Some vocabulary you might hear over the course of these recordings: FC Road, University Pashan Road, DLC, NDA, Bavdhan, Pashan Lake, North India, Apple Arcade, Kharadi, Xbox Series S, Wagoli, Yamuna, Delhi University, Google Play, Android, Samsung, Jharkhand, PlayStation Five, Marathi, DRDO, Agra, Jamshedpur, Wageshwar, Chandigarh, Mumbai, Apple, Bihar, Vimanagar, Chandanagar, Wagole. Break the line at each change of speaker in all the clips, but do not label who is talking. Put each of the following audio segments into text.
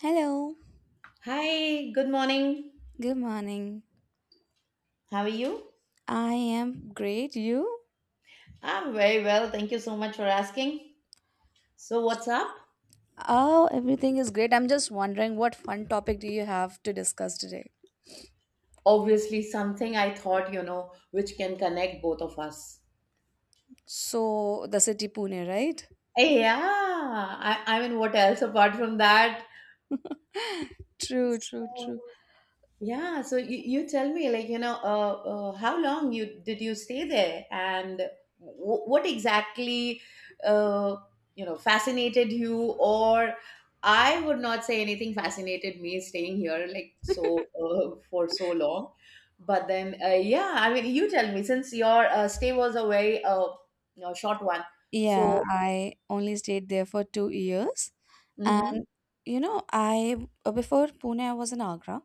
Hello,
Hi, good morning.
good morning.
How are you?
I am great. You?
I'm very well. Thank you so much for asking. So, what's up?
Oh, everything is great. I'm just wondering what fun topic do you have to discuss today?
Obviously, something I thought, you know, which can connect both of us.
So, the city Pune, right?
Yeah, I mean, what else apart from that?
True, true,
So,
true.
Yeah, so you tell me, like, you know, how long you did you stay there? And what exactly uh, you know, fascinated you, or I would not say anything fascinated me staying here like, so for so long. But then yeah, I mean, you tell me, since your stay was a very you know, short one, so.
Yeah, I only stayed there for 2 years.
Mhm.
And, you know, before Pune, I was in Agra.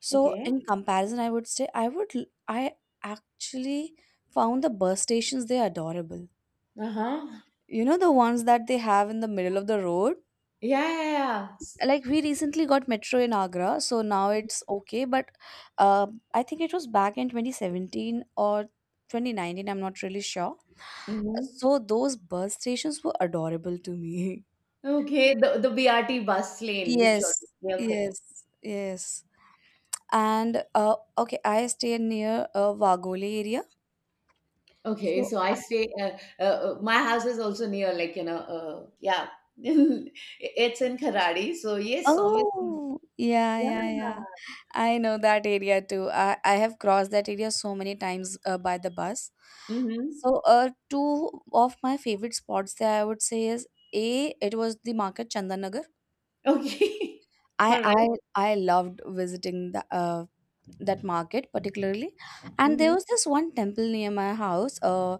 So,
Okay.
in comparison, I would say I would, l- I actually found the bus stations, they adorable.
Uh-huh.
You know, the ones that they have in the middle of the road?
Yeah, yeah, yeah.
Like, we recently got metro in Agra, so now it's okay, but uh, I think it was back in 2017 or 2019, I'm not really sure.
Hmm.
So those bus stations were adorable to me.
Okay, the BRT bus lane, which you're.
Yes,
Okay.
yes, yes. And okay, I stay near a Wagole area,
Okay,
so
so I stay. My house is also near, like, you know, yeah, it's in Kharadi. So yes, obviously,
oh, yeah,
yeah.
yeah, yeah. I know that area too. I have crossed that area so many times by the bus.
Mm-hmm.
So, two of my favorite spots there I would say is A, it was the market Chandanagar.
Okay,
I
all
I
right.
I loved visiting the that market particularly. And there
Mm-hmm.
was this one temple near my house.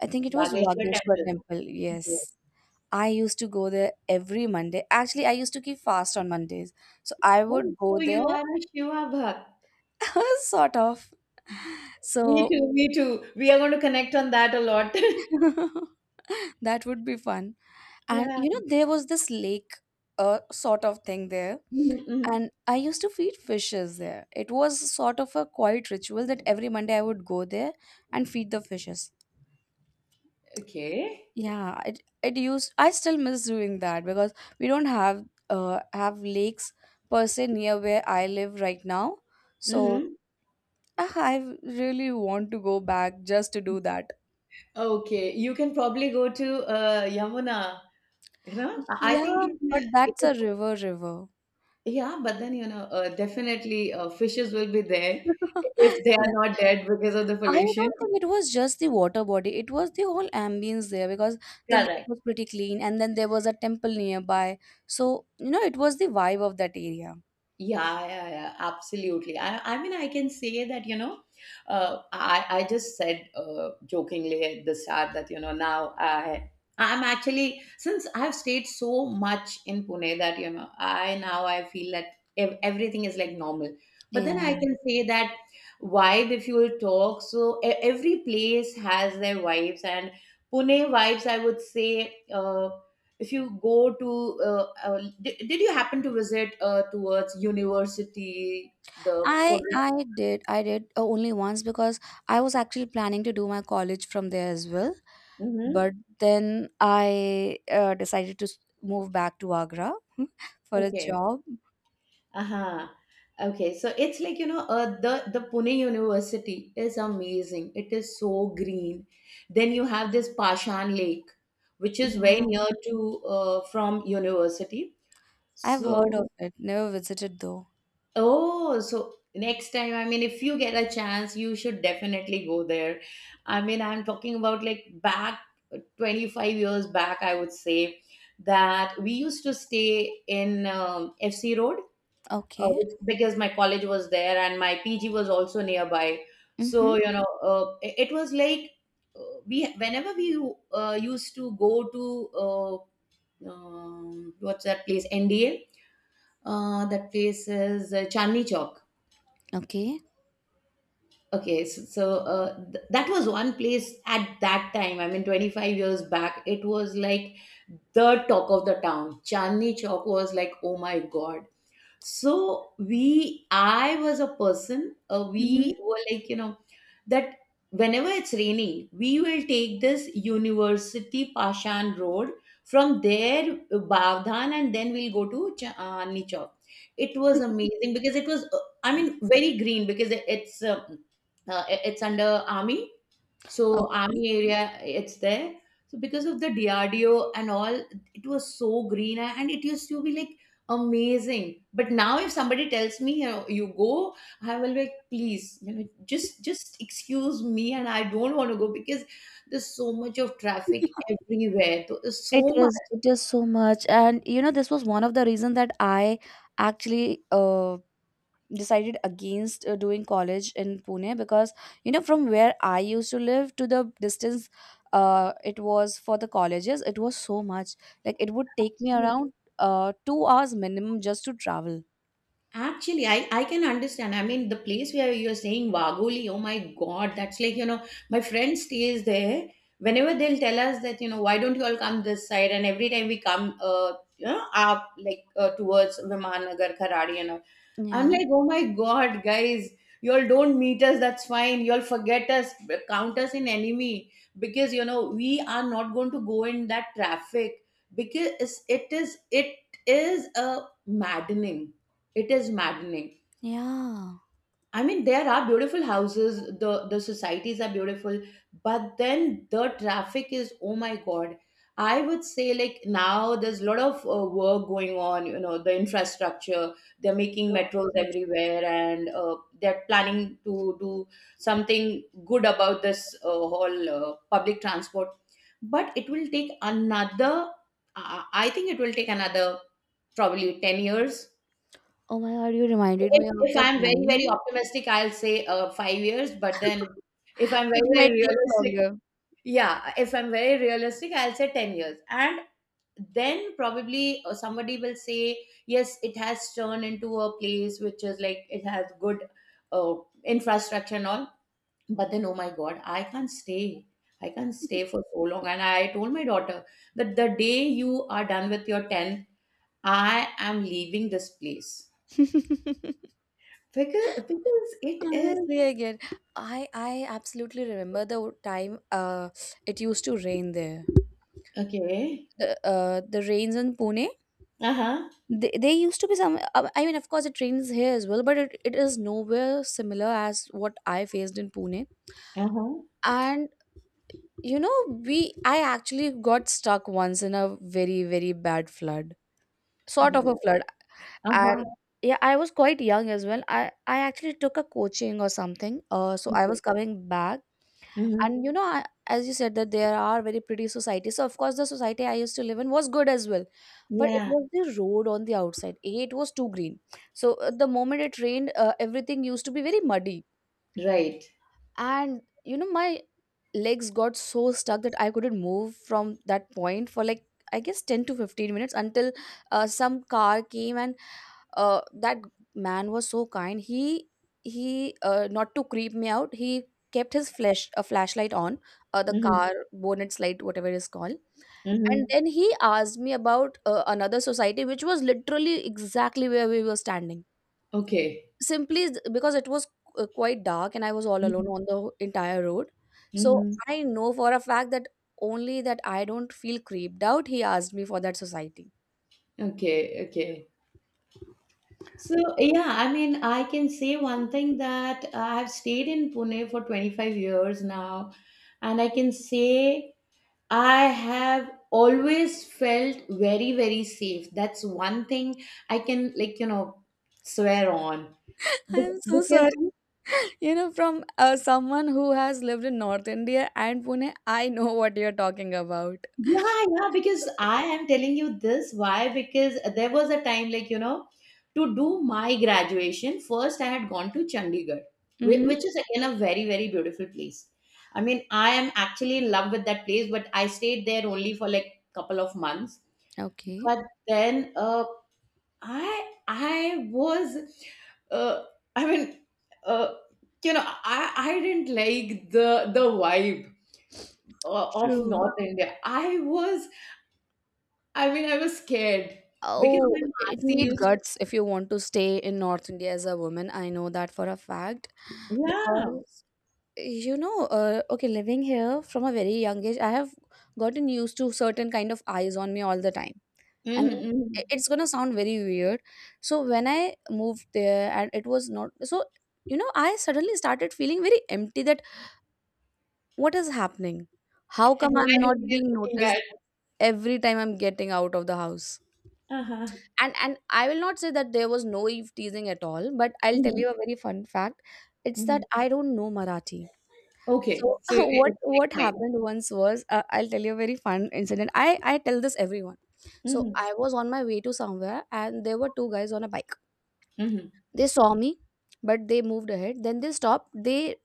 I think it was
Bageshwar
Wageshwar
Temple.
temple.
Yes.
Yes. I used to go there every Monday. Actually, I used to keep fast on Mondays. So I
Oh,
would go
so you
there,
are a Shiva Bhakt.
sort of.
Me
So
too. Me too. We are going to connect on that a lot.
that would be fun. And you know,
Yeah.
there was this lake, sort of thing there.
Mm-hmm. Mm-hmm.
And I used to feed fishes there. It was sort of a quiet ritual that every Monday I would go there and feed the fishes.
Okay.
Yeah, it used I still miss doing that because we don't have lakes per se near where I live right now. So
Mm-hmm.
ah, I really want to go back just to do that.
Okay. You can probably go to Yamuna. You know? I think,
Yeah,
you know,
but that's a river river.
yeah, but then, you know, definitely fishes will be there, if they are
Yeah.
not dead because of the
I
pollution.
don't think it was just the water body. It was the whole ambience there because the lake
Correct.
was pretty clean and then there was a temple nearby. So, you know, it was the vibe of that area.
Yeah, yeah, yeah, absolutely. I mean, I can say that, you know, I just said, jokingly, at the start that, you know, I'm actually, since I've stayed so much in Pune that, you know, I now I feel that everything is like normal. But then
Yeah.
I can say that vibe, if you will talk, so every place has their vibes, and Pune vibes, I would say, if you go to did you happen to visit towards university, the.
I did only once because I was actually planning to do my college from there as well,
Mm-hmm.
but then I decided to move back to Agra for a
Okay.
job.
Uh-huh. Okay, so it's like, you know, the Pune University is amazing. It is so green. Then you have this Pashan Lake, which is very
Yeah,
near to, from university,
I've heard
so.
of it. Never visited though.
Oh, so next time, I mean, if you get a chance, you should definitely go there. I mean, I'm talking about, like, back 25 years back, I would say, that we used to stay in FC Road,
Okay.
because my college was there and my PG was also nearby.
Mm-hmm.
So, you know, it was like we, whenever we used to go to what's that place, NDA, that place is Chandni Chowk.
Okay.
Okay, that was one place at that time. I mean, 25 years back, it was like the talk of the town. Chandni Chowk was like, oh my god, so we, I was a person,
Mm-hmm.
we were like, you know, that whenever it's raining, we will take this University Pashan Road. From there, Bavdhan, and then we'll go to Nichok. It was amazing, because it was, I mean, very green, because it's under army. So
Okay.
army area, it's there. So because of the DRDO and all, it was so green, and it used to be like amazing. But now, if somebody tells me, you know, you go, I will be like, please, you know, just excuse me, and I don't want to go, because there's so much of traffic everywhere. So there's so
It is so much. And you know, this was one of the reasons that I actually decided against doing college in Pune because, you know, from where I used to live to the distance, it was for the colleges, it was so much. Like, it would take me
much.
around 2 hours minimum just to travel.
Actually, I can understand. I mean, the place where you're saying Wagoli, oh my God, that's like, you know, my friend stays there. Whenever they'll tell us that, you know, why don't you all come this side? And every time we come, you know, up like towards Vimanagar, Kharadi, and all, I'm
Yeah.
like, oh my God, guys, you all don't meet us. That's fine. You all forget us, count us in enemy, because, you know, we are not going to go in that traffic, because it is a maddening. It is maddening.
Yeah.
I mean, there are beautiful houses, the societies are beautiful, but then the traffic is, oh my God. I would say, like, now there's a lot of work going on, you know, the infrastructure. They're making
True,
metros
true, true.
everywhere, and they're planning to do something good about this whole public transport. But it will take another. I think it will take another, probably, 10 years.
Oh my God, you reminded
if
me of
if
the
I'm very, very
time.
optimistic, I'll say 5 years. But then if I'm
It
very, very
might take
realistic —
longer.
yeah, if I'm very realistic, I'll say 10 years. And then probably somebody will say, yes, it has turned into a place which is like it has good uh, infrastructure and all. But then, oh my God, I can't stay. I can't stay for so long. And I told my daughter that the day you are done with your 10th, I am leaving this place, because because it is.
Honestly, I get. I absolutely remember the time it used to rain there.
Okay.
The rains in Pune.
Uh-huh.
They used to be some. I mean, of course, it rains here as well, but it is nowhere similar as what I faced in Pune.
Uh-huh.
And you know, we I actually got stuck once in a very very bad flood,
Oh
sort
my
of
God.
a flood. And
Uh-huh.
yeah, I was quite young as well. I actually took a coaching or something. So I
Okay.
was coming back
Mm-hmm.
and you know as you said that there are very pretty societies, so of course the society I used to live in was good as well, but it
Yeah.
was the road on the outside A, it was too green. So the moment it rained, everything used to be very muddy.
Right.
And you know, my legs got so stuck that I couldn't move from that point for like I guess 10 to 15 minutes, until some car came and that man was so kind. He not to creep me out, he kept his flashlight on the
Mm-hmm.
car bonnet light, whatever it is called. And
Mm-hmm.
then he asked me about another society which was literally exactly where we were standing,
Okay.
simply because it was quite dark and I was all alone
Mm-hmm.
on the entire road. So
Mm-hmm.
I know for a fact that only that I don't feel creeped out. He asked me for that society.
Okay. Okay. So yeah, I mean, I can say one thing, that I've stayed in Pune for 25 years now, and I can say I have always felt very, very safe. That's one thing I can, like, you know, swear on.
I am so
Because,
sorry. You know, from someone who has lived in North India and Pune, I know what you're talking about.
yeah, yeah, because I am telling you this. Why? Because there was a time, like, you know, to do my graduation, first I had gone to Chandigarh,
Mm-hmm.
which is, again, a very, very beautiful place. I mean, I am actually in love with that place, but I stayed there only for like couple of months.
Okay.
But then I was uh, I mean, uh, you know, I didn't like the vibe of
True.
North India. I was — I mean, I was scared, because
Oh,
my
it
Masi
need
used to.
guts if you want to stay in North India as a woman. I know that for a fact
Yeah.
because you know, okay, living here from a very young age, I have gotten used to certain kind of eyes on me all the time. And
Mm-hmm.
it's gonna sound very weird, so when I moved there and it was not so, you know, I suddenly started feeling very empty, that what is happening, how
And
come
why
I'm not
nobody is
being
looking
noticed
at?
every time I'm getting out of the house.
Uh-huh.
And I will not say that there was no eve teasing at all, but I'll tell
Hmm.
you a very fun fact. It's
Hmm.
that I don't know Marathi. So
Okay, so
what
it's
what
like fine.
happened once was, I'll tell you a very fun incident. I tell this everyone. So
Mm-hmm.
I was on my way to somewhere and there were two guys on a bike.
Mm-hmm.
They saw me, but they moved ahead. Then they stopped. They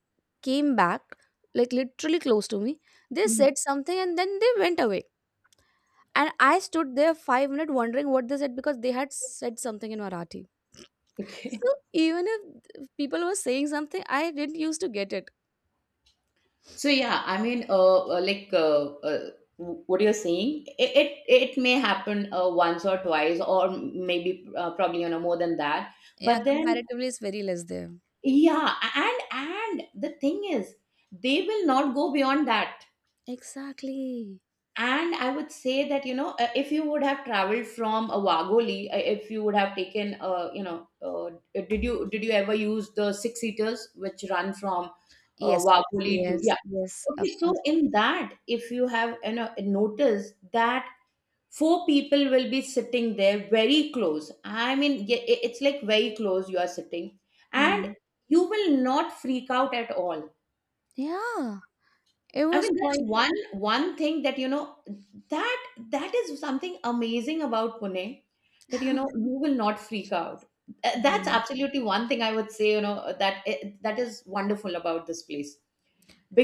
came back, like, literally close to me. They
Hmm.
said something and then they went away. And I stood there 5 minutes wondering what they said, because they had said something in Marathi.
Okay.
So even if people were saying something, I didn't used to get it.
So yeah, I mean, like what you're saying, it may happen once or twice, or maybe probably, you know, more than that.
Yeah,
But then,
comparatively, it's very less there.
yeah, and the thing is, they will not go beyond that.
Exactly.
And I would say that, you know, if you would have traveled from Wagoli, if you would have taken, you know, did, you did you ever use the six seaters which run from
Yes,
Wagoli to.
yes, yes,
Yeah.
of
Okay, so
course.
in that, if you have, you know, noticed that four people will be sitting there very close, I mean, it's like very close you are sitting, and
Mm.
you will not freak out at all.
Yeah, it
I
was
mean, that's
quite.
one thing that, you know, that that is something amazing about Pune, that, you know, you will not freak out. That's
Mhm.
absolutely one thing I would say. You know that, that is wonderful about this place,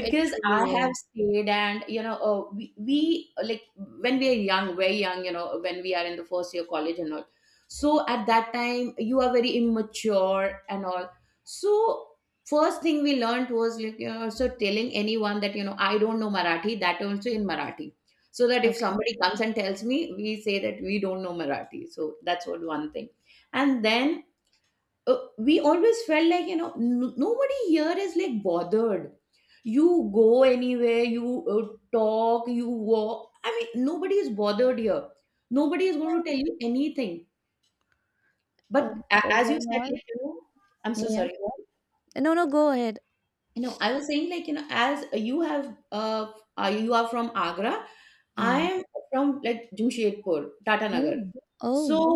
It truly
I have
is.
stayed. And, you know, we like, when we are young, very young, you know, when we are in the first year college and all, so at that time you are very immature and all. So, first thing we learned was, like, you know, also telling anyone that, you know, I don't know Marathi — that also in Marathi. So that if
Okay.
somebody comes and tells me, we say that we don't know Marathi. So that's what one thing. And then we always felt like, you know, nobody here is like bothered. You go anywhere, you uh, talk, you walk. I mean, nobody is bothered here. Nobody is going to
Yeah.
tell you anything. But as you said, like,
Overall,
you know, I'm so
yeah.
sorry.
No, no, go ahead.
You know, I was saying, like, you know, as you have, you are from Agra. I
Yeah.
am from, like, Jamshedpur, Tatanagar.
Oh.
So
Oh.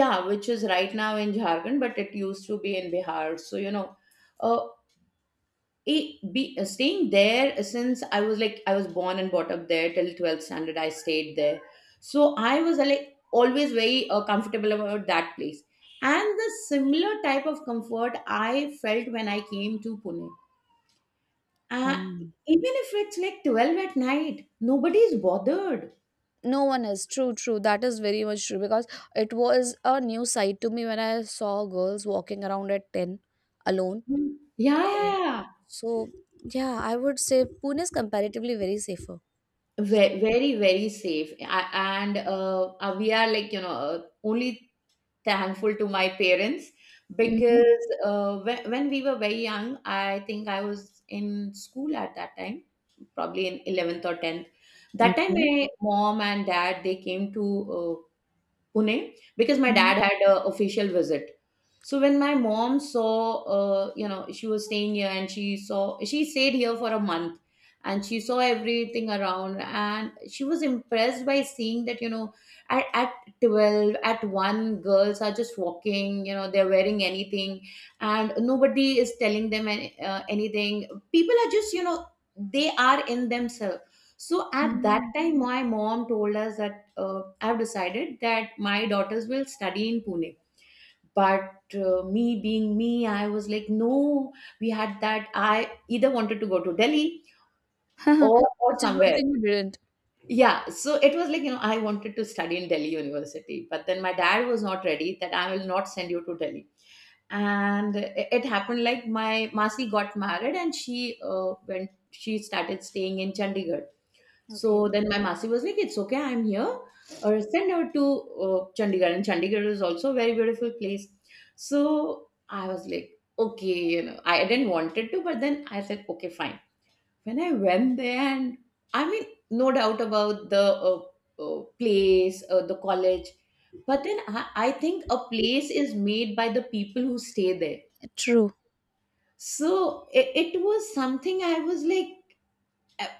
yeah, which is right now in Jharkhand, but it used to be in Bihar. So, you know, uh, it be staying there since I was like, I was born and brought up there till 12th standard. I stayed there. So I was like, always very comfortable about that place. And the similar type of comfort I felt when I came to Pune, uh,
Wow.
even if it's like 12 at night, nobody's bothered.
No one is true, true. That is very much true because it was a new sight to me when I saw girls walking around at ten alone.
Mm. Yeah,
Uh,
yeah, yeah.
so yeah, I would say Pune is comparatively very safer.
Very, very safe. And we are like, you know, only thankful to my parents,
Mm-hmm.
because when we were very young, I think I was in school at that time, probably in 11th or 10th. That time,
Okay.
my mom and dad, they came to Pune, because my
Mhm.
dad had a official visit. So when my mom saw, you know, she was staying here and she stayed here for a month and she saw everything around, and she was impressed by seeing that, you know, at 12, at 1, girls are just walking, you know, they're wearing anything and nobody is telling them anything. People are just, you know, they are in themselves. So at that
Yeah.
time, my mom told us that I've decided that my daughters will study in Pune. But me being me, I was like, no, we had that. I either wanted to go to Delhi or
It's a good
somewhere.
thing you didn't.
Yeah. So it was like, you know, I wanted to study in Delhi University. But then my dad was not ready, that I will not send you to Delhi. And it happened like my Masi got married and she went she started staying in Chandigarh.
Okay.
So then my Masi was like, it's okay, I'm here. Or send her to Chandigarh. And Chandigarh is also a very beautiful place. So I was like, okay, you know, I didn't wanted to, but then I said, okay, fine. When I went there, and I mean, no doubt about the place, the college, but then I think a place is made by the people who stay there.
True.
So it was something. I was like,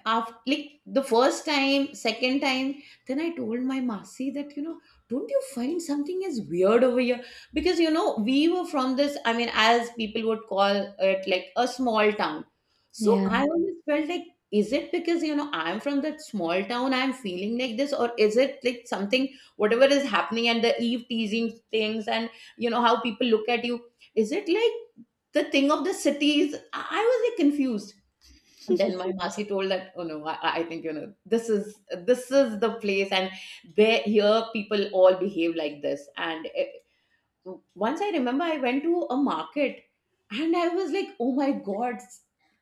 after, like the first time, second time, then I told my masi that, you know, don't you find something is weird over here? Because, you know, we were from this. I mean, as people would call it, like a small town. So
Yeah.
I always felt like, is it because, you know, I'm from that small town, I'm feeling like this, or is it like something, whatever is happening, and the eve teasing things and you know how people look at you? Is it like the thing of the cities? I was like confused. Then my masi told that, oh no, I think, you know, this is the place, and there here people all behave like this. And once I remember I went to a market and I was like, oh my god,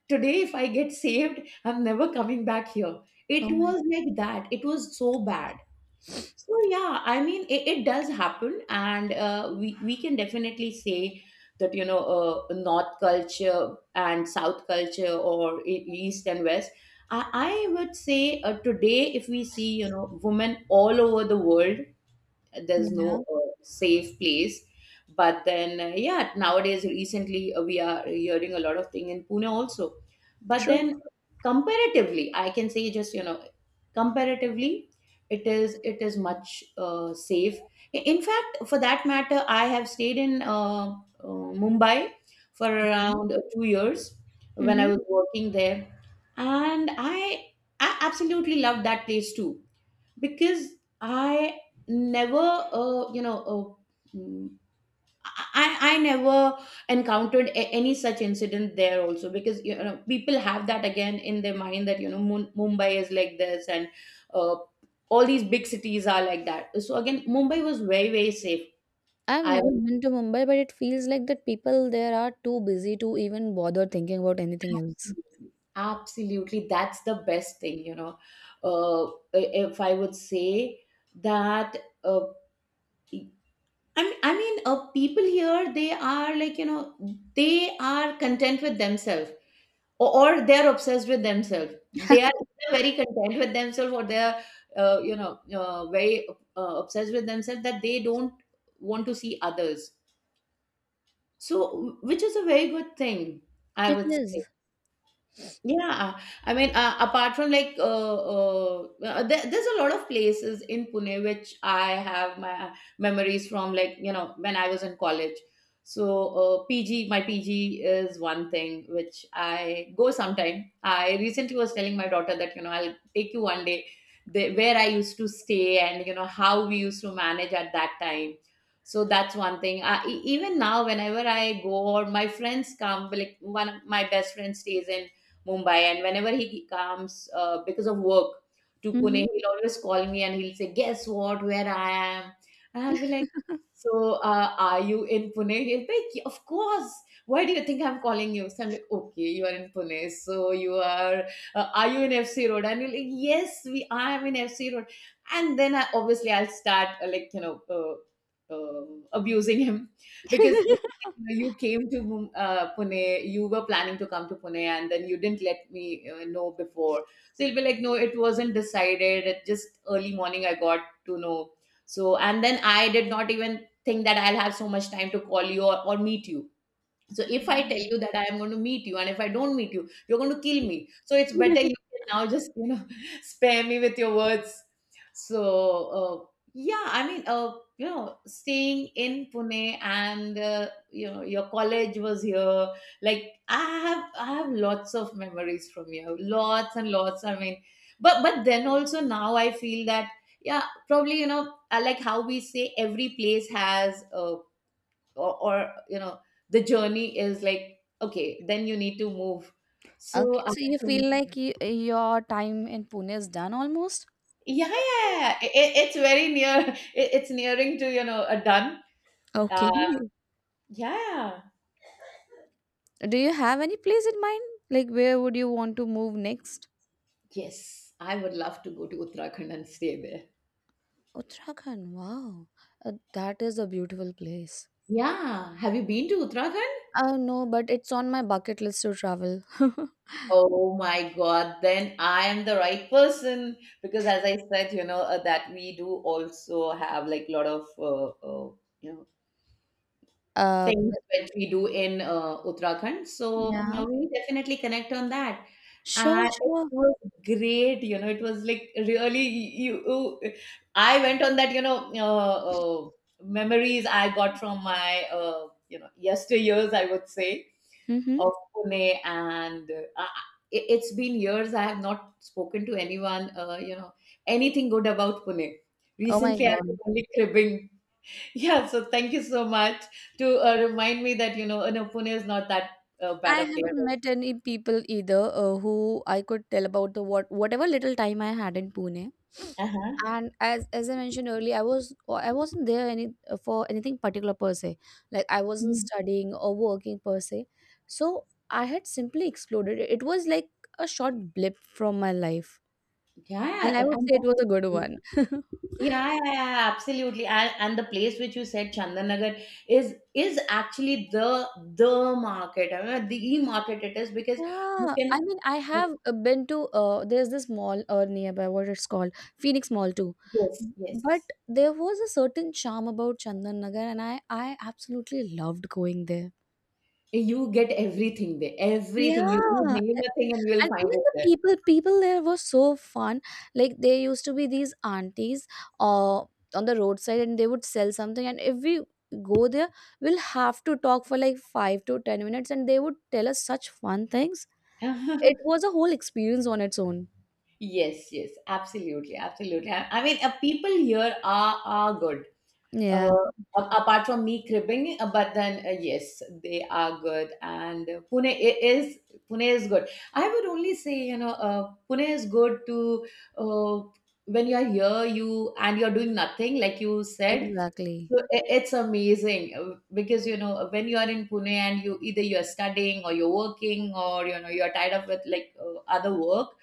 today if I get saved, I'm never coming back here. It
Oh,
was like that, it was so bad. So yeah, I mean it does happen, and we can definitely say that, you know, North culture and South culture, or East and West. I would say, today, if we see, you know, women all over the world, there's
yeah.
no safe place. But then, yeah, nowadays, recently, we are hearing a lot of thing in Pune also. But
True.
then comparatively, I can say, just, you know, comparatively it is much safe. In fact, for that matter, I have stayed in Mumbai for around two years, when I
Mm-hmm.
was working there. And I absolutely loved that place too, because I never, you know, uh, mm, I never encountered any such incident there also, because, you know, people have that again in their mind that, you know, Mumbai is like this and uh, all these big cities are like that. So again, Mumbai was very very safe.
I've
I
never been to Mumbai, but it feels like that people there are too busy to even bother thinking about anything else.
absolutely, absolutely, that's the best thing, you know. If I would say that. Uh, I mean, people here, they are like, you know, they are content with themselves, or they are obsessed with themselves. They are either very content with themselves, or they are, you know, very obsessed with themselves, that they don't want to see others. So, which is a very good thing, I
It
would say.
is.
Yeah, I mean, apart from like, there's a lot of places in Pune which I have my memories from, like, you know, when I was in college. So, PG, my PG is one thing which I go sometime. I recently was telling my daughter that, you know, I'll take you one day, the, where I used to stay and, you know, how we used to manage at that time. So that's one thing. E- even now, whenever I go or my friends come, like one of my best friend stays in Mumbai. And whenever he comes, because of work, to
Mm-hmm.
Pune, he'll always call me and he'll say, guess what, where I am? And I'll be like, so are you in Pune? He'll be like, yeah, of course. Why do you think I'm calling you? So I'm like, okay, you are in Pune. So you are you in FC Road? And he'll like, yes, I am in FC Road. And then I, obviously, I'll start like, you know, abusing him because, know, you came to Pune, you were planning to come to Pune, and then you didn't let me know before. So it'll be like, no, it wasn't decided. It just early morning I got to know. So, and then I did not even think that I'll have so much time to call you or meet you. So if I tell you that I am going to meet you, and if I don't meet you, you're going to kill me. So it's better you can now just, you know, spare me with your words. So yeah, I mean, you know, staying in Pune and, you know, your college was here. Like I have lots of memories from here, lots and lots. I mean, but then also now I feel that, yeah, probably, you know, I like how we say every place has a, or you know, the journey is like, okay, then you need to move. So
Okay.
I
So you
think,
feel like your time in Pune is done almost?
yeah, yeah, yeah. It's very near. It's nearing to, you know, a done. uh,
Okay.
yeah.
Do you have any place in mind? Like where would you want to move next?
Yes, I would love to go to Uttarakhand and stay there.
Uttarakhand. Wow. That is a beautiful place.
Yeah, have you been to Uttarakhand?
No, but it's on my bucket list to travel.
Oh my God, then I am the right person. Because, as I said, you know, that we do also have like a lot of, you know,
Uh,
things
but
which we do in Uttarakhand. So you know,
yeah,
we will definitely connect on that.
sure,
And it
sure.
was great, you know, it was like really you, you I went on that, you know, memories I got from my, you know, yesteryears, I would say,
Mm-hmm.
of Pune. And it's been years I have not spoken to anyone, you know, anything good about Pune.
Oh my
Recently, I was
God.
only cribbing. Yeah, so thank you so much to remind me that, you know, no, Pune is not that bad
I
a place.
haven't met any people either who I could tell about the what whatever little time I had in Pune.
Uh-huh.
And as I mentioned earlier, I wasn't there any for anything particular per se. Like I wasn't
Mhm.
studying or working per se. So I had simply exploded. It was like a short blip from my life,
Yeah,
and I
and
would say
that.
it was a good one.
Yeah, yeah, yeah, yeah, absolutely. And the place which you said, Chandanagar, is actually the market. I mean, the market, it is because you
Yeah,
can,
I mean, I have been to there's this mall nearby, what it's called, Phoenix Mall too.
yes,
But
yes,
there was a certain charm about Chandan Nagar, and I absolutely loved going there.
you get everything there. Everything, you
Yeah,
name a thing and you will
and
find
even the
it
people there were so fun. Like there used to be these aunties uh, on the roadside, and they would sell something, and if we go there, we'll have to talk for like 5 to 10 minutes, and they would tell us such fun things.
there.
It was a whole experience on its own.
Yes, yes, absolutely, absolutely. I mean, people here are good.
Yeah,
Uh, Apart from me cribbing, but then yes, they are good, and Pune is good. I would only say, you know, Pune is good to, uh, when you are here, you and you are doing nothing, like you said.
exactly.
So it's amazing, because, you know, when you are in Pune and you either you are studying or you're working or you know you are tied up with like other work,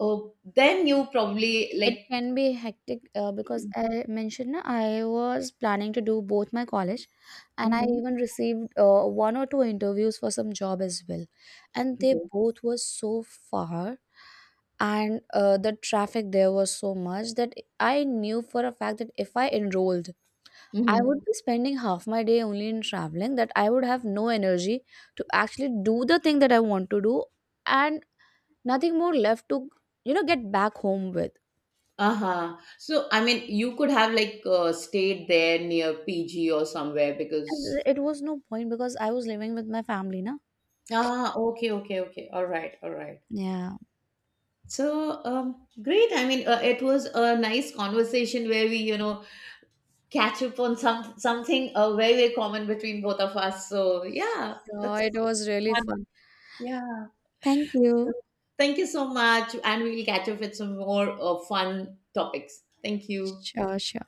uh, then you probably
It
like.
can be hectic because I mentioned na, I was planning to do both my college, and I
Mhm.
even received one or two interviews for some job as well. And they
Okay.
both were so far, and the traffic there was so much that I knew for a fact that if I enrolled, I
Mhm.
would be spending half my day only in traveling, that I would have no energy to actually do the thing that I want to do and nothing more left to, you know, get back home with.
Uh-huh. So, I mean, you could have like stayed there near PG or somewhere.
And
Because
it was no point because I was living with my family na.
ah, okay, okay, okay. All right, all right.
Yeah.
So, great. I mean, it was a nice conversation where we, you know, catch up on something very, very common between both of us. So, yeah,
Sure,
that's
it was really
fun.
fun.
Yeah.
Thank
So,
you.
thank you so much, and we'll catch up with some more fun topics. Thank you.
Sure, sure.